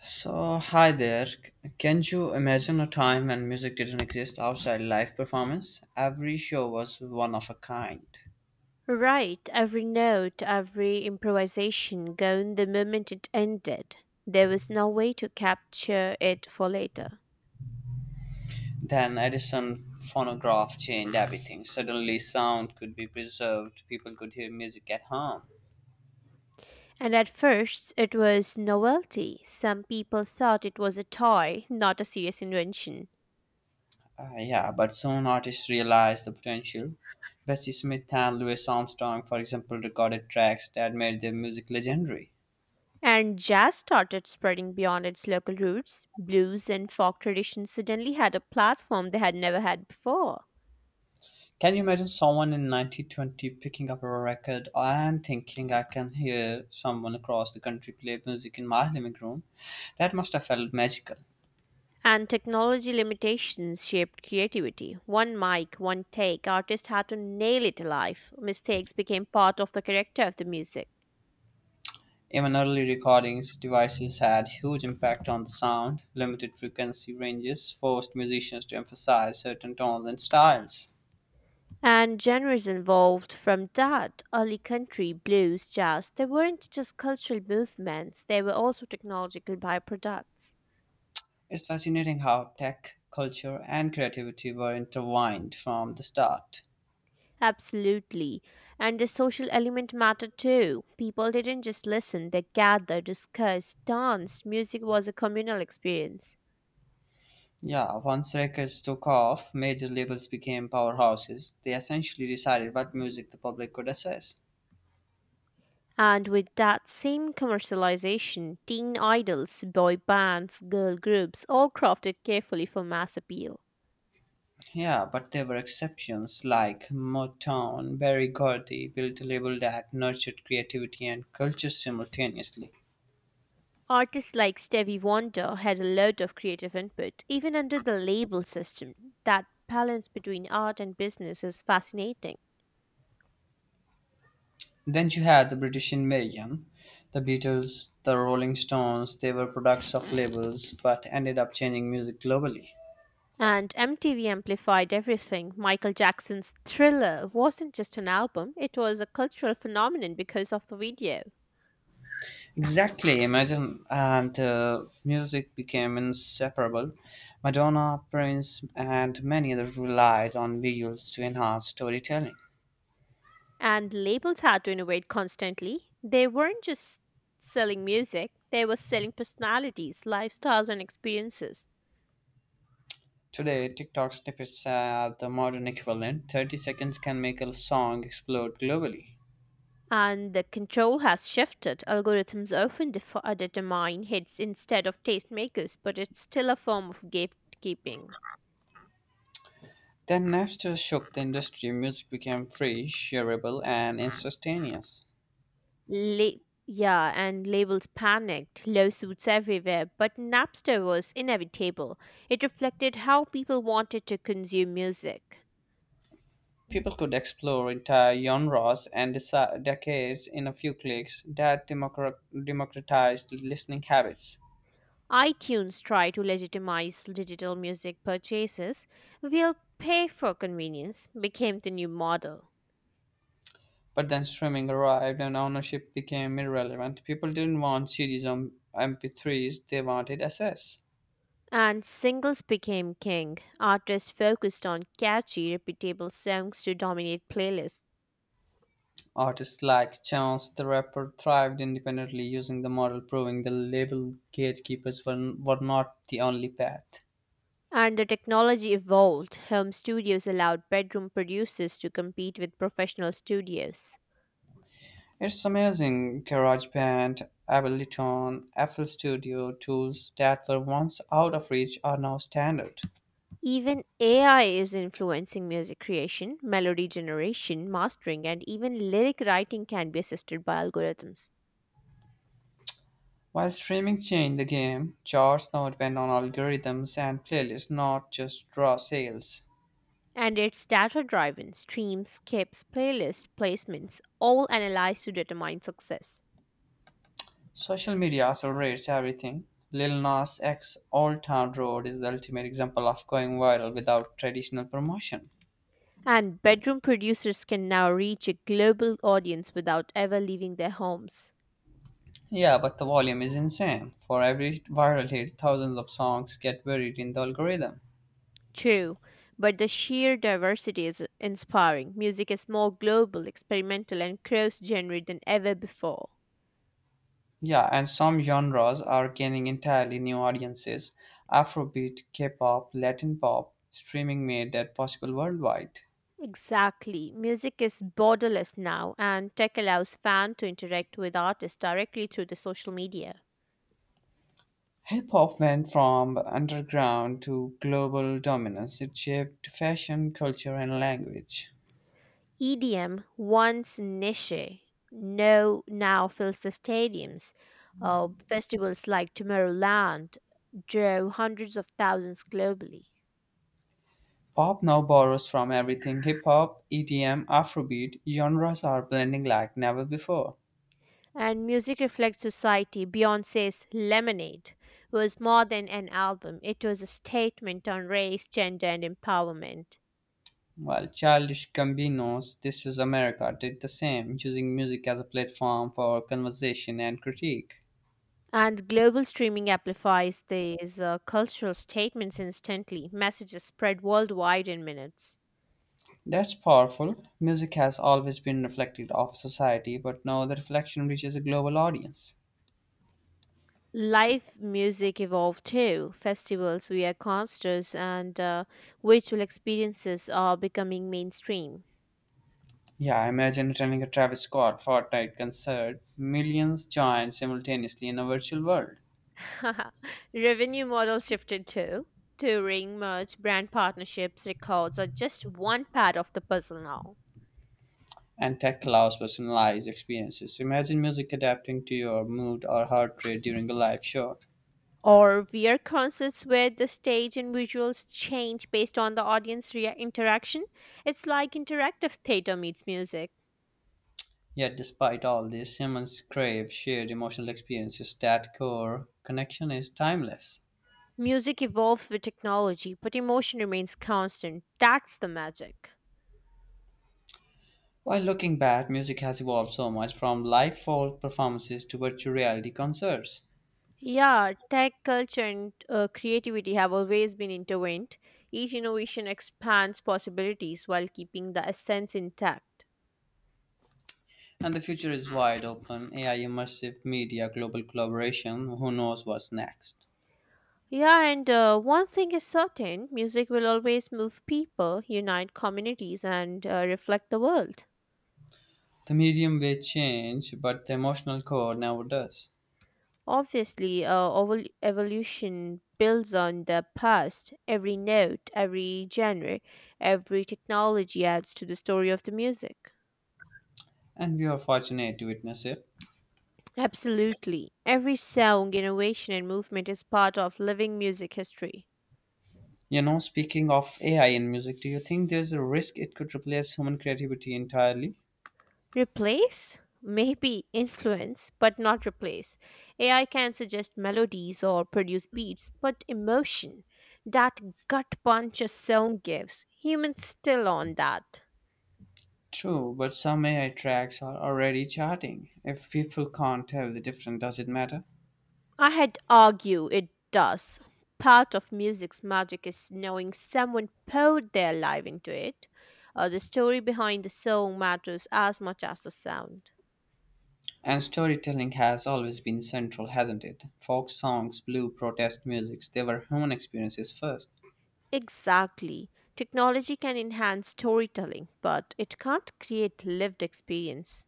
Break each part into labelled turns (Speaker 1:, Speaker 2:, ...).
Speaker 1: So, hi there. Can you imagine a time when music didn't exist outside live performance? Every show was one of a kind.
Speaker 2: Right, every note, every improvisation gone the moment it ended. There was no way to capture it for later.
Speaker 1: Then Edison phonograph changed everything. Suddenly, sound could be preserved, people could hear music at home.
Speaker 2: And at first, it was novelty. Some people thought it was a toy, not a serious invention.
Speaker 1: Yeah, but soon artists realized the potential. Bessie Smith and Louis Armstrong, for example, recorded tracks that made their music legendary.
Speaker 2: And jazz started spreading beyond its local roots. Blues and folk traditions suddenly had a platform they had never had before.
Speaker 1: Can you imagine someone in 1920 picking up a record and thinking, I can hear someone across the country play music in my living room? That must have felt magical.
Speaker 2: And technology limitations shaped creativity. One mic, one take, artists had to nail it alive. Mistakes became part of the character of the music.
Speaker 1: Even early recordings devices had huge impact on the sound. Limited frequency ranges forced musicians to emphasize certain tones and styles.
Speaker 2: And genres evolved from that. Early country, blues, jazz, they weren't just cultural movements, they were also technological byproducts.
Speaker 1: It's fascinating how tech, culture, and creativity were intertwined from the start.
Speaker 2: Absolutely. And the social element mattered too. People didn't just listen, they gathered, discussed, danced. Music was a communal experience.
Speaker 1: Yeah, once records took off, major labels became powerhouses. They essentially decided what music the public could access.
Speaker 2: And with that same commercialization, teen idols, boy bands, girl groups, all crafted carefully for mass appeal.
Speaker 1: Yeah, but there were exceptions like Motown, Barry Gordy built a label that nurtured creativity and culture simultaneously.
Speaker 2: Artists like Stevie Wonder had a lot of creative input, even under the label system. That balance between art and business is fascinating.
Speaker 1: Then you had the British Invasion, the Beatles, the Rolling Stones, they were products of labels but ended up changing music globally.
Speaker 2: And MTV amplified everything. Michael Jackson's Thriller wasn't just an album, it was a cultural phenomenon because of the video.
Speaker 1: Exactly. Imagine and music became inseparable. Madonna, Prince, and many others relied on visuals to enhance storytelling.
Speaker 2: And labels had to innovate constantly. They weren't just selling music, they were selling personalities, lifestyles, and experiences.
Speaker 1: Today, TikTok snippets are the modern equivalent. 30 seconds can make a song explode globally.
Speaker 2: And the control has shifted. Algorithms often determine hits instead of tastemakers, but it's still a form of gatekeeping.
Speaker 1: Then Napster shook the industry. Music became free, shareable, and instantaneous.
Speaker 2: La- yeah, and labels panicked, lawsuits everywhere, but Napster was inevitable. It reflected how people wanted to consume music.
Speaker 1: People could explore entire genres and decades in a few clicks. Democratized listening habits.
Speaker 2: iTunes try to legitimize digital music purchases. We'll pay for convenience became the new model.
Speaker 1: But then streaming arrived and ownership became irrelevant. People didn't want CDs on MP3s, they wanted access.
Speaker 2: And singles became king. Artists focused on catchy, repeatable songs to dominate playlists.
Speaker 1: Artists like Chance the Rapper thrived independently using the model, proving the label gatekeepers were not the only path.
Speaker 2: And the technology evolved. Home studios allowed bedroom producers to compete with professional studios.
Speaker 1: It's amazing GarageBand, Ableton, FL Studio tools that were once out of reach are now standard.
Speaker 2: Even AI is influencing music creation, melody generation, mastering, and even lyric writing can be assisted by algorithms.
Speaker 1: While streaming changed the game, charts now depend on algorithms and playlists, not just raw sales.
Speaker 2: And it's data driven streams, skips, playlist placements, all analyzed to determine success.
Speaker 1: Social media accelerates everything. Lil Nas X Old Town Road is the ultimate example of going viral without traditional promotion.
Speaker 2: And bedroom producers can now reach a global audience without ever leaving their homes.
Speaker 1: Yeah, but the volume is insane. For every viral hit, thousands of songs get buried in the algorithm.
Speaker 2: True, but the sheer diversity is inspiring. Music is more global, experimental, and cross genre than ever before.
Speaker 1: Yeah, and some genres are gaining entirely new audiences. Afrobeat, K-pop, Latin pop, streaming made that possible worldwide.
Speaker 2: Exactly. Music is borderless now, and tech allows fans to interact with artists directly through the social media.
Speaker 1: Hip hop went from underground to global dominance. It shaped fashion, culture, and language.
Speaker 2: Idiom once niche no now fills the stadiums. Festivals like Tomorrowland drew hundreds of thousands globally.
Speaker 1: Pop now borrows from everything hip hop, EDM, Afrobeat genres are blending like never before.
Speaker 2: And music reflects society. Beyonce's Lemonade was more than an album, it was a statement on race, gender, and empowerment.
Speaker 1: While Childish Gambino's This Is America did the same, using music as a platform for conversation and critique.
Speaker 2: And global streaming amplifies these cultural statements instantly. Messages spread worldwide in minutes.
Speaker 1: That's powerful. Music has always been reflected of society, but now the reflection reaches a global audience.
Speaker 2: Live music evolved too. Festivals, we are concerts, and virtual experiences are becoming mainstream.
Speaker 1: Yeah, imagine attending a Travis Scott Fortnite concert. Millions join simultaneously in a virtual world.
Speaker 2: Revenue models shifted too. Touring, merch, brand partnerships, records are just one part of the puzzle now.
Speaker 1: And tech allows personalized experiences. So imagine music adapting to your mood or heart rate during a live show.
Speaker 2: Or VR concerts where the stage and visuals change based on the interaction. It's like interactive theater meets music.
Speaker 1: Yet, despite all this, humans crave shared emotional experiences. That core connection is timeless.
Speaker 2: Music evolves with technology, but emotion remains constant. That's the magic.
Speaker 1: While looking back, music has evolved so much from live folk performances to virtual reality concerts.
Speaker 2: Yeah, tech culture and creativity have always been intertwined. Each innovation expands possibilities while keeping the essence intact.
Speaker 1: And the future is wide open AI, immersive media, global collaboration. Who knows what's next?
Speaker 2: Yeah, and one thing is certain music will always move people, unite communities, and reflect the world.
Speaker 1: The medium will change, but the emotional core never does.
Speaker 2: Obviously, evolution builds on the past. Every note, every genre, every technology adds to the story of the music.
Speaker 1: And we are fortunate to witness it.
Speaker 2: Absolutely. Every song, innovation, and movement is part of living music history.
Speaker 1: You know, speaking of AI in music, do you think there's a risk it could replace human creativity entirely?
Speaker 2: Replace? Maybe influence, but not replace. AI can suggest melodies or produce beats, but emotion, that gut punch a song gives, humans still on that.
Speaker 1: True, but some AI tracks are already charting. If people can't tell the difference, does it matter?
Speaker 2: I had argue it does. Part of music's magic is knowing someone poured their life into it. The story behind the song matters as much as the sound.
Speaker 1: And storytelling has always been central, hasn't it? Folk songs, blue protest musics, they were human experiences first.
Speaker 2: Exactly. Technology can enhance storytelling, but it can't create lived experience.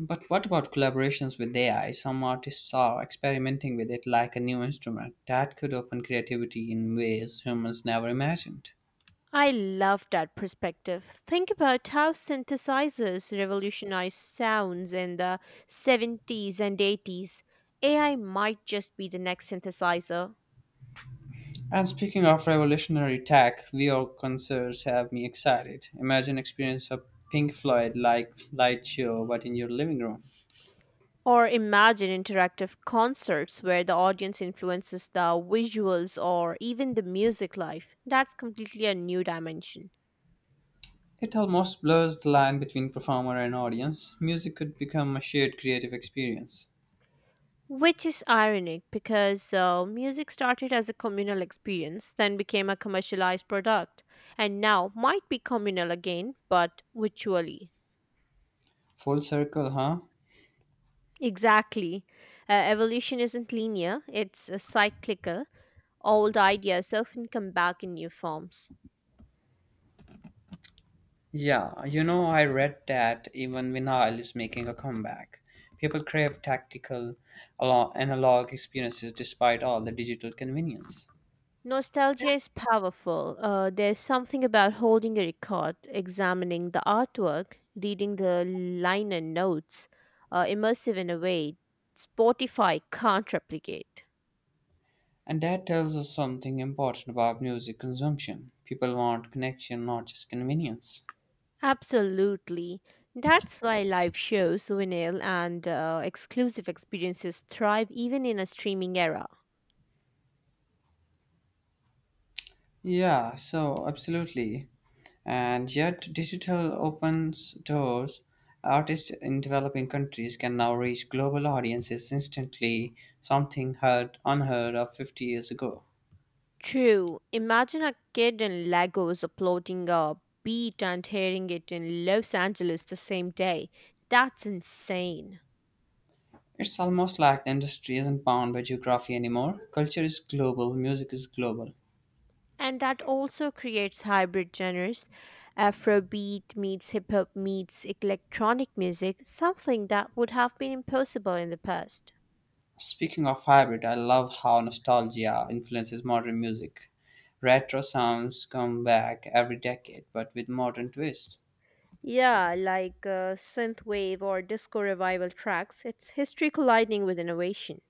Speaker 1: But what about collaborations with AI? Some artists are experimenting with it like a new instrument. That could open creativity in ways humans never imagined.
Speaker 2: I love that perspective. Think about how synthesizers revolutionized sounds in the 70s and 80s. AI might just be the next synthesizer.
Speaker 1: And speaking of revolutionary tech, VR concerts have me excited. Imagine experience of Pink Floyd like light show but in your living room.
Speaker 2: Or imagine interactive concerts where the audience influences the visuals or even the music life. That's completely a new dimension.
Speaker 1: It almost blurs the line between performer and audience. Music could become a shared creative experience.
Speaker 2: Which is ironic because music started as a communal experience, then became a commercialized product, and now might be communal again, but virtually.
Speaker 1: Full circle, huh?
Speaker 2: Exactly. Evolution isn't linear, it's cyclical. Old ideas often come back in new forms.
Speaker 1: Yeah, you know I read that even vinyl is making a comeback. People crave tactical analog experiences despite all the digital convenience.
Speaker 2: Nostalgia is powerful. There's something about holding a record, examining the artwork, reading the liner notes, immersive in a way Spotify can't replicate.
Speaker 1: And that tells us something important about music consumption. People want connection, not just convenience.
Speaker 2: Absolutely. That's why live shows, vinyl, and exclusive experiences thrive even in a streaming era.
Speaker 1: Yeah, so absolutely. And yet, digital opens doors. Artists in developing countries can now reach global audiences instantly, something heard, unheard of 50 years ago.
Speaker 2: True. Imagine a kid in Lagos uploading a beat and hearing it in Los Angeles the same day. That's insane.
Speaker 1: It's almost like the industry isn't bound by geography anymore. Culture is global, music is global.
Speaker 2: And that also creates hybrid genres. Afrobeat meets hip hop meets electronic music, something that would have been impossible in the past.
Speaker 1: Speaking of hybrid, I love how nostalgia influences modern music. Retro sounds come back every decade, but with modern twists.
Speaker 2: Yeah, like synthwave or disco revival tracks, it's history colliding with innovation.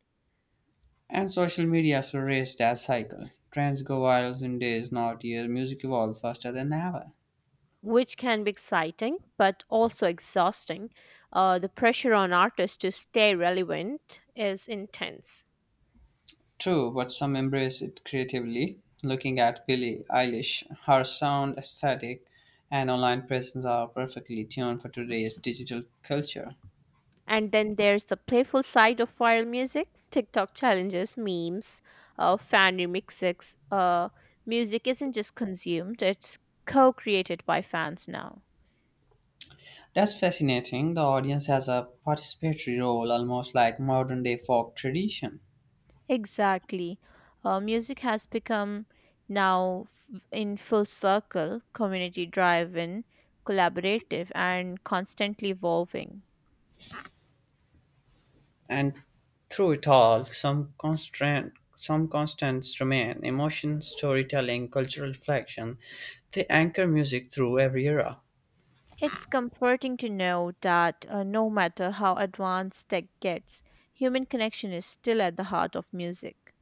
Speaker 1: And social media has erased that cycle. Trends go viral in days, not years. Music evolves faster than ever.
Speaker 2: Which can be exciting but also exhausting. The pressure on artists to stay relevant is intense.
Speaker 1: True, but some embrace it creatively. Looking at Billie Eilish, her sound aesthetic and online presence are perfectly tuned for today's digital culture.
Speaker 2: And then there's the playful side of viral music TikTok challenges, memes, fan remixes. Music isn't just consumed, it's co created by fans now.
Speaker 1: That's fascinating. The audience has a participatory role, almost like modern day folk tradition.
Speaker 2: Exactly. Music has become now in full circle, community driven, collaborative, and constantly evolving.
Speaker 1: And through it all, some constants remain emotion, storytelling, cultural reflection. They anchor music through every era.
Speaker 2: It's comforting to know that no matter how advanced tech gets, human connection is still at the heart of music.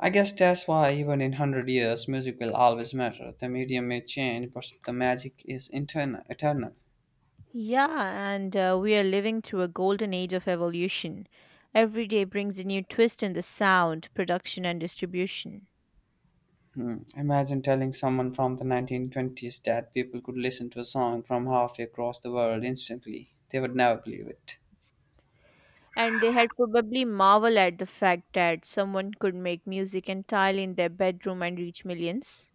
Speaker 1: I guess that's why even in 100 years, music will always matter. The medium may change, but the magic is eternal.
Speaker 2: Yeah, and we are living through a golden age of evolution. Every day brings a new twist in the sound, production, and distribution.
Speaker 1: Hmm. Imagine telling someone from the 1920s that people could listen to a song from halfway across the world instantly. They would never believe it.
Speaker 2: And they had probably marveled at the fact that someone could make music entirely in their bedroom and reach millions.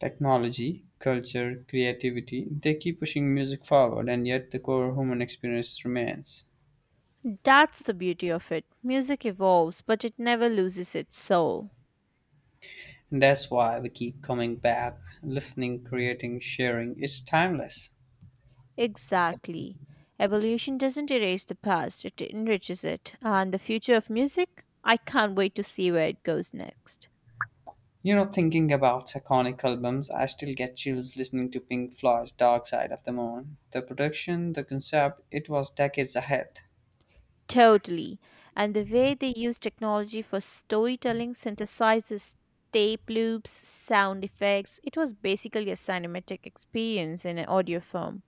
Speaker 1: Technology, culture, creativity, they keep pushing music forward, and yet the core human experience remains.
Speaker 2: That's the beauty of it. Music evolves, but it never loses its soul.
Speaker 1: And that's why we keep coming back, listening, creating, sharing. It's timeless.
Speaker 2: Exactly. Evolution doesn't erase the past, it enriches it. And the future of music? I can't wait to see where it goes next.
Speaker 1: You know, thinking about iconic albums, I still get chills listening to Pink Floyd's Dark Side of the Moon. The production, the concept, it was decades ahead.
Speaker 2: Totally. And the way they use technology for storytelling, synthesizes, tape loops, sound effects, it was basically a cinematic experience in an audio form.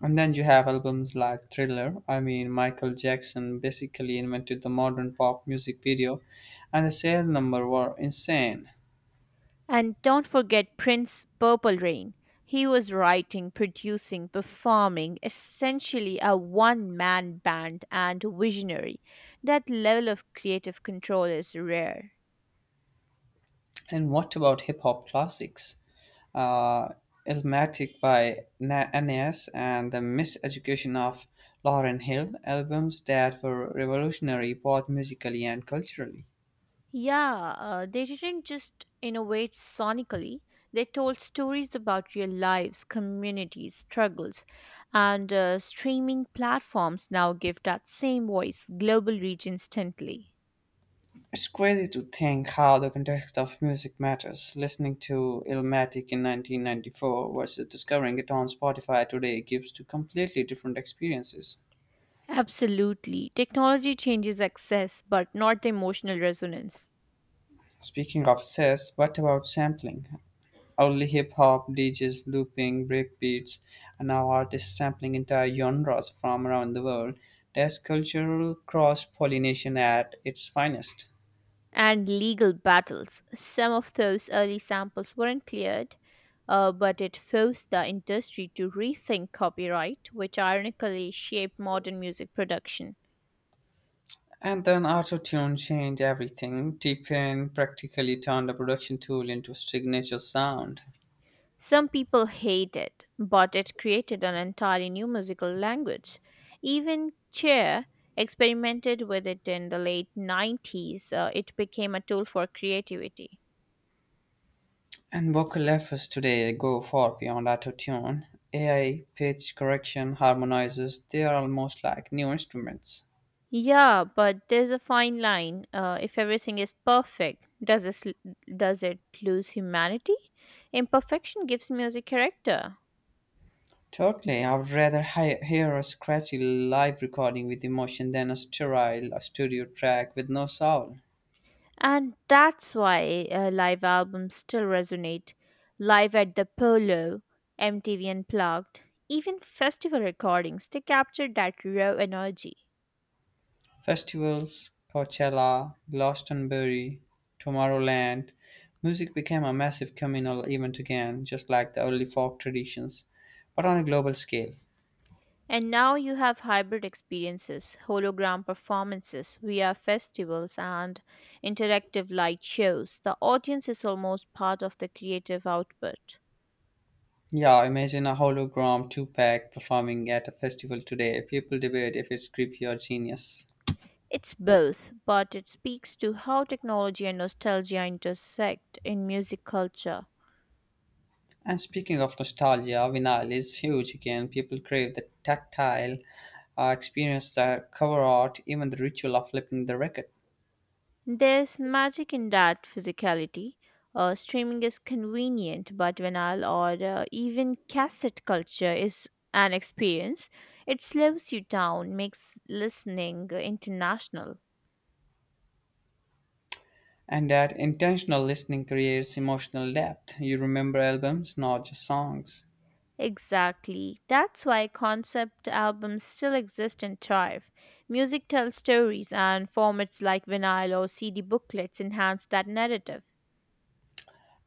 Speaker 1: And then you have albums like Thriller. I mean, Michael Jackson basically invented the modern pop music video, and the sale number were insane.
Speaker 2: And don't forget Prince's Purple Rain. He was writing, producing, performing, essentially a one man band and visionary. That level of creative control is rare.
Speaker 1: And what about hip hop classics? Uh, Illmatic by NAS and The Miseducation of Lauren Hill, albums that were revolutionary both musically and culturally.
Speaker 2: Yeah, they didn't just innovate sonically, they told stories about real lives, communities, struggles, and streaming platforms now give that same voice global reach instantly.
Speaker 1: It's crazy to think how the context of music matters. Listening to Illmatic in 1994 versus discovering it on Spotify today gives two completely different experiences.
Speaker 2: Absolutely. Technology changes access, but not emotional resonance.
Speaker 1: Speaking of says, what about sampling? Only hip hop, DJs looping, breakbeats, and now artists sampling entire genres from around the world. There's cultural cross pollination at its finest.
Speaker 2: And legal battles. Some of those early samples weren't cleared, but it forced the industry to rethink copyright, which ironically shaped modern music production.
Speaker 1: And then autotune changed everything. T-Pain practically turned a production tool into a signature sound.
Speaker 2: Some people hate it, but it created an entirely new musical language. Even Cher experimented with it in the late 90s. It became a tool for creativity.
Speaker 1: And vocal efforts today go far beyond autotune. AI, pitch correction, harmonizers, they are almost like new instruments.
Speaker 2: Yeah, but there's a fine line. If everything is perfect, does it lose humanity? Imperfection gives music character,
Speaker 1: Totally, I would rather hear a scratchy live recording with emotion than a sterile studio track with no soul.
Speaker 2: and that's why live albums still resonate. Live at the Polo, MTV Unplugged, even festival recordings, they capture that raw energy.
Speaker 1: Festivals, Coachella, Glastonbury, Tomorrowland, music became a massive communal event again, just like the early folk traditions, but on a global scale.
Speaker 2: And now you have hybrid experiences, hologram performances, VR festivals, and interactive light shows. The audience is almost part of the creative output.
Speaker 1: Yeah, imagine a hologram two-pack performing at a festival today. People debate if it's creepy or genius.
Speaker 2: It's both, but it speaks to how technology and nostalgia intersect in music culture.
Speaker 1: And speaking of nostalgia, vinyl is huge again. People crave the tactile experience, the cover art, even the ritual of flipping the record.
Speaker 2: There's magic in that physicality. Streaming is convenient, but vinyl or even cassette culture is an experience. It slows you down, makes listening international.
Speaker 1: And that intentional listening creates emotional depth. You remember albums, not just songs.
Speaker 2: Exactly. That's why concept albums still exist and thrive. Music tells stories, and formats like vinyl or CD booklets enhance that narrative.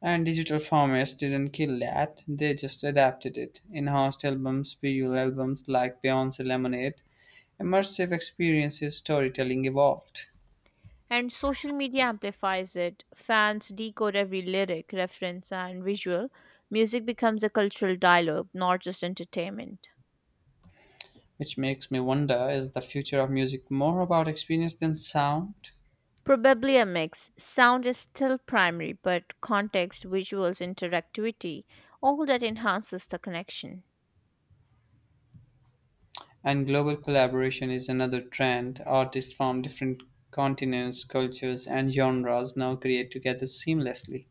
Speaker 1: And digital formats didn't kill that, they just adapted it. Enhanced albums, visual albums like Beyonce Lemonade, immersive experiences, storytelling evolved.
Speaker 2: And social media amplifies it. Fans decode every lyric, reference, and visual. Music becomes a cultural dialogue, not just entertainment.
Speaker 1: Which makes me wonder is the future of music more about experience than sound?
Speaker 2: Probably a mix. Sound is still primary, but context, visuals, interactivity, all that enhances the connection.
Speaker 1: And global collaboration is another trend. Artists from different continents, cultures, and genres now create together seamlessly.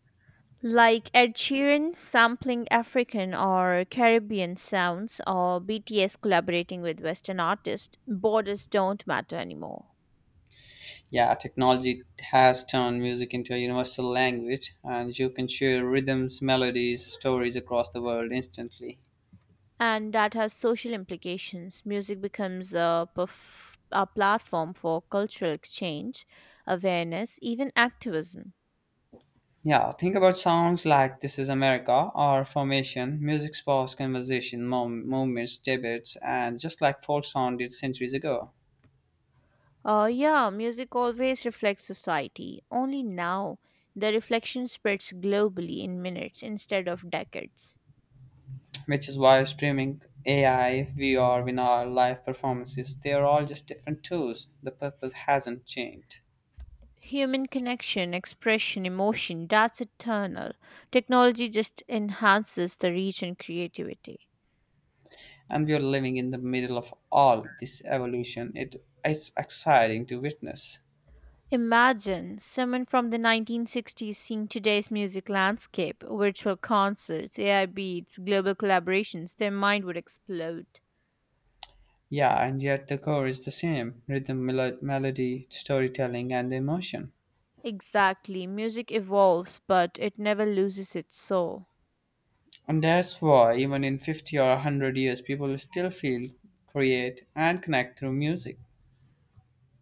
Speaker 2: Like Ed Sheeran sampling African or Caribbean sounds, or BTS collaborating with Western artists, borders don't matter anymore.
Speaker 1: Yeah, technology has turned music into a universal language, and you can share rhythms, melodies, stories across the world instantly.
Speaker 2: And that has social implications. Music becomes a platform for cultural exchange, awareness, even activism.
Speaker 1: Yeah, think about songs like This Is America or Formation. Music sparks conversation, moments, debates, and just like folk song did centuries ago.
Speaker 2: Yeah, music always reflects society. Only now, the reflection spreads globally in minutes instead of decades.
Speaker 1: Which is why streaming, AI, VR, vinyl, live performances, they are all just different tools. The purpose hasn't changed.
Speaker 2: Human connection, expression, emotion, that's eternal. Technology just enhances the reach and creativity.
Speaker 1: And we are living in the middle of all this evolution. It is exciting to witness.
Speaker 2: Imagine someone from the 1960s seeing today's music landscape, virtual concerts, AI beats, global collaborations, their mind would explode.
Speaker 1: Yeah, and yet the core is the same rhythm, melody, storytelling, and emotion.
Speaker 2: Exactly, music evolves, but it never loses its soul.
Speaker 1: And that's why, even in 50 or 100 years, people still feel, create, and connect through music.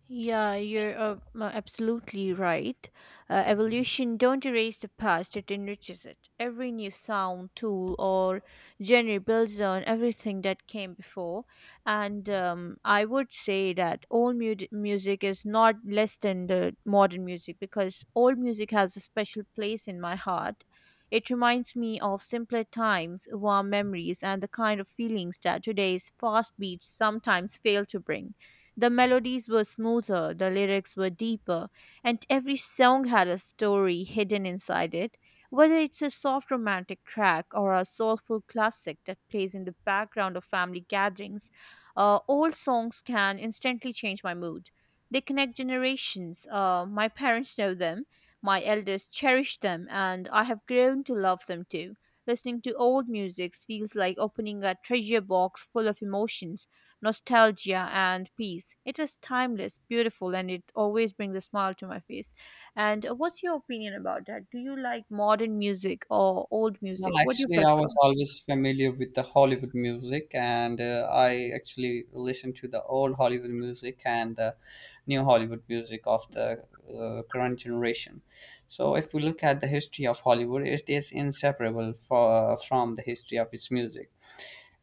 Speaker 2: Yeah, you're absolutely right. Evolution don't erase the past, it enriches it. Every new sound, tool, or genre builds on everything that came before. And I would say that music is not less than the modern music because old music has a special place in my heart. It reminds me of simpler times, warm memories, and the kind of feelings that today's fast beats sometimes fail to bring. The melodies were smoother, the lyrics were deeper, and every song had a story hidden inside it. Whether it's a soft romantic track or a soulful classic that plays in the background of family gatherings, old songs can instantly change my mood. They connect generations. My parents know them, my elders cherish them, and I have grown to love them too. Listening to old music feels like opening a treasure box full of emotions nostalgia, and peace. It is timeless, beautiful, and it always brings a smile to my face. And what's your opinion about that? Do you like modern music or old
Speaker 1: Well,
Speaker 2: music? What do you
Speaker 1: actually, I
Speaker 2: prefer?
Speaker 1: was always familiar with the Hollywood music, and I actually listen to the old Hollywood music and the new Hollywood music of the current generation. So, if we look at the history of Hollywood, it is inseparable from the history of its music.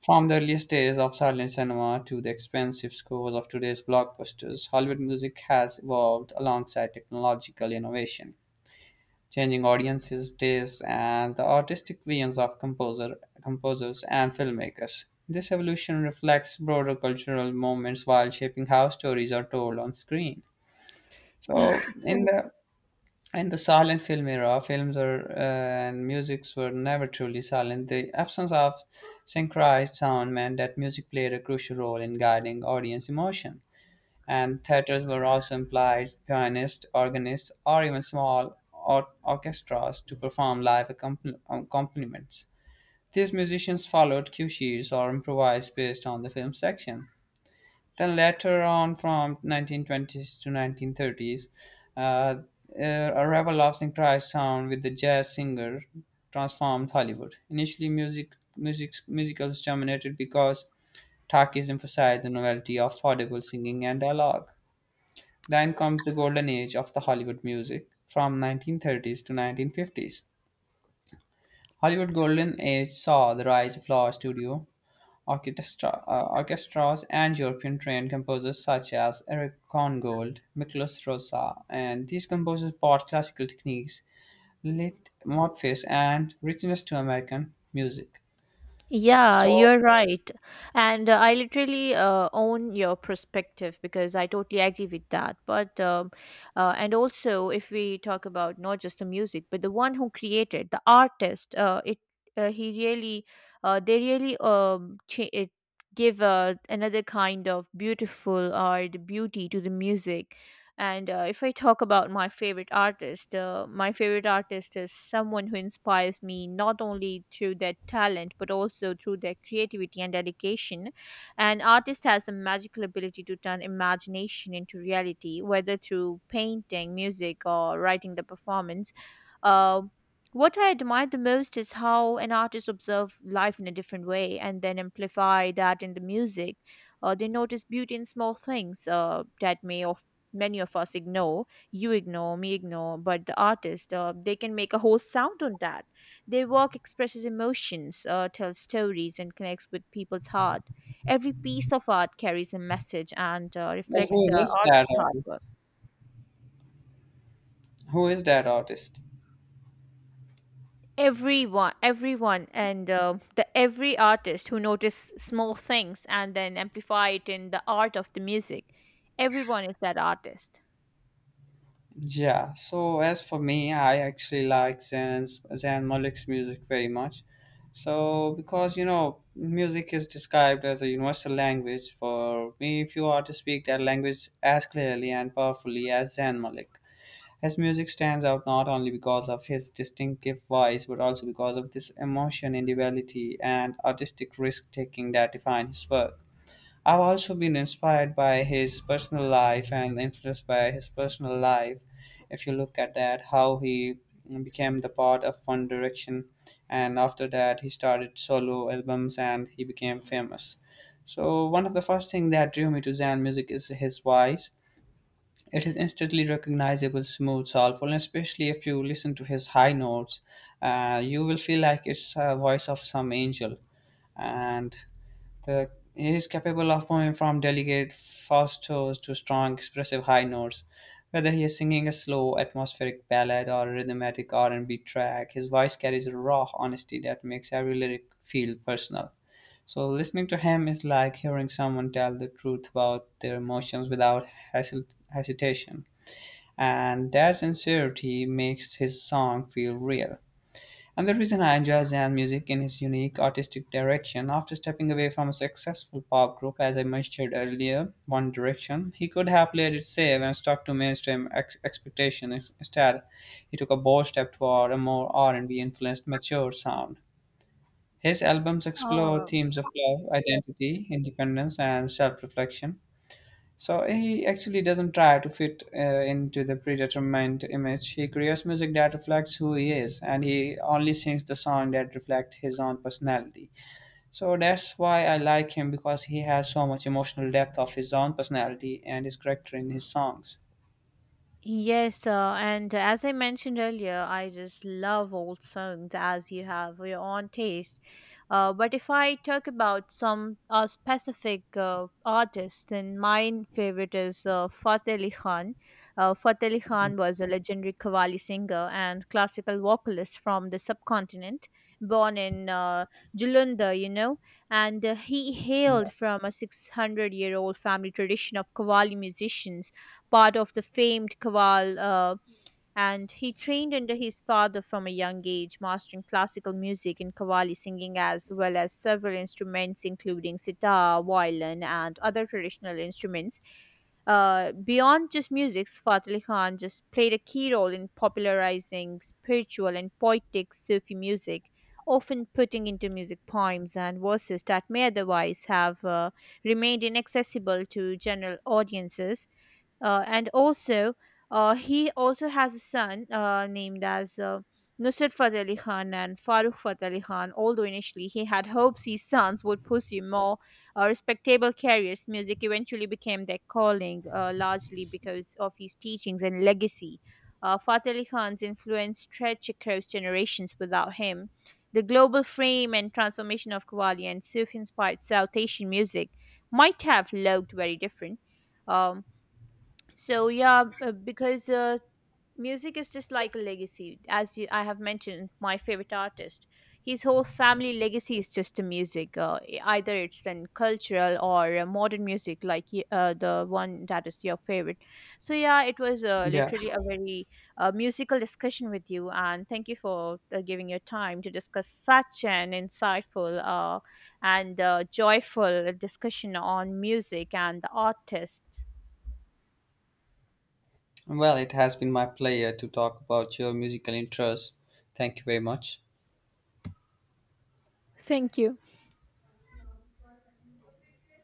Speaker 1: From the earliest days of silent cinema to the expensive scores of today's blockbusters, Hollywood music has evolved alongside technological innovation changing audiences' tastes and the artistic visions of composers and filmmakers. This evolution reflects broader cultural moments while shaping how stories are told on screen.
Speaker 2: E-
Speaker 1: So, in the silent film era, films are, and musics were never truly silent. The absence of synchronized sound meant that music played a crucial role in guiding audience emotion and theatres were also employed pianists, organists, or even small orchestras to perform live accompaniments. These musicians followed cue sheets or improvised based on the film section. Then later on, from 1920s to 1930s, a revel of synchronized sound with the jazz singer transformed Hollywood. Initially, musicals dominated because Takis emphasized the novelty of audible singing and dialogue. Then comes the golden age of the Hollywood music from 1930s to 1950s. Hollywood golden age saw the rise of large studio orchestras and European trained composers such as Eric Korngold, Miklos Rosa, and these composers brought classical techniques, lit modface and richness to American music.
Speaker 2: Yeah,
Speaker 1: So,
Speaker 2: you're right. And I literally own your perspective because I totally agree with that. And also, if we talk about not just the music, but the one who created, the artist, uh, he really, they really cha- it give another kind of beautiful or the beauty to the music. And if I talk about my favorite artist is someone who inspires me not only through their talent but also through their creativity and dedication. An artist has the magical ability to turn imagination into reality, whether through painting, music, or writing the performance. Uh, what I admire the most is how an artist observes life in a different way and then amplify that in the music. They notice beauty in small things that may many of us ignore, you ignore, me ignore, but the artist, they can make a whole sound on that. Their work expresses emotions, tells stories, and connects with people's heart. Every piece of art carries a message and
Speaker 1: well,
Speaker 2: reflects
Speaker 1: who
Speaker 2: the
Speaker 1: is that
Speaker 2: artist's hard
Speaker 1: artist?
Speaker 2: work.
Speaker 1: Who is that artist?
Speaker 2: Everyone, and the every artist who notice small things and then amplify it in the art of the music, everyone is that artist.
Speaker 1: Yeah, so as for me, I actually like Zan Malik's music very much. So, because you know, music is described as a universal language, for me, few artists speak that language as clearly and powerfully as Zan Malik. His music stands out not only because of his distinctive voice, but also because of this emotion, individuality, and artistic risk taking that define his work. I've also been inspired by his personal life and influenced by his personal life. If you look at that, how he became the part of One Direction, and after that, he started solo albums and he became famous. So, one of the first thing that drew me to Zan music is his voice. It is instantly recognizable, smooth, soulful, and especially if you listen to his high notes, you will feel like it's a voice of some angel. And the he is capable of moving from delicate falsettos to strong, expressive high notes. Whether he is singing a slow, atmospheric ballad or a rhythmic R&B track, his voice carries a raw honesty that makes every lyric feel personal. So listening to him is like hearing someone tell the truth about their emotions without hesitation. And that sincerity makes his song feel real. And the reason I enjoy Zan music in his unique artistic direction, after stepping away from a successful pop group, as I mentioned earlier, One Direction, he could have played it safe and stuck to mainstream expectations. Instead, he took a bold step toward a more R&B influenced, mature sound. His albums explore
Speaker 2: um,
Speaker 1: themes of love, identity, independence, and self reflection. So he actually doesn't try to fit into the predetermined image. He creates music that reflects who he is, and he only sings the song that reflect his own personality. So that's why I like him because he has so much emotional depth of his own personality and his character in his songs.
Speaker 2: Yes, and as I mentioned earlier, I just love old songs as you have your own taste. But if I talk about some specific artist, then my favorite is Fateh Ali Khan. Fateh Ali Khan was a legendary Qawwali singer and classical vocalist from the subcontinent, born in Julunda, you know, and he hailed from a 600-year-old family tradition of Qawwali musicians, part of the famed chorale, and he trained under his father from a young age, mastering classical music and qawwali singing as well as several instruments, including sitar, violin, and other traditional instruments. Beyond just music, Fateh Ali Khan just played a key role in popularizing spiritual and poetic Sufi music, often putting into music poems and verses that may otherwise have remained inaccessible to general audiences. And also, he also has a son named as Nusrat Fateh Ali Khan and Farooq Fateh Ali Khan. Although initially he had hopes his sons would pursue more respectable careers, music eventually became their calling, largely because of his teachings and legacy. Fateh Ali Khan's influence stretched across generations without him. The global fame and transformation of Qawwali and Sufi inspired South Asian music might have looked very different. Um, so yeah, because music is just like a legacy, as you, I have mentioned, my favorite artist. His whole family legacy is just the music. Either it's in cultural or modern music, like the one that is your favorite. So yeah, it was
Speaker 1: Yeah,
Speaker 2: literally a very musical discussion with you, and thank you for giving your time to discuss such an insightful and joyful discussion on music and the artist.
Speaker 1: well, it has been my pleasure to talk about your musical interests. Thank you very much.
Speaker 2: Thank you.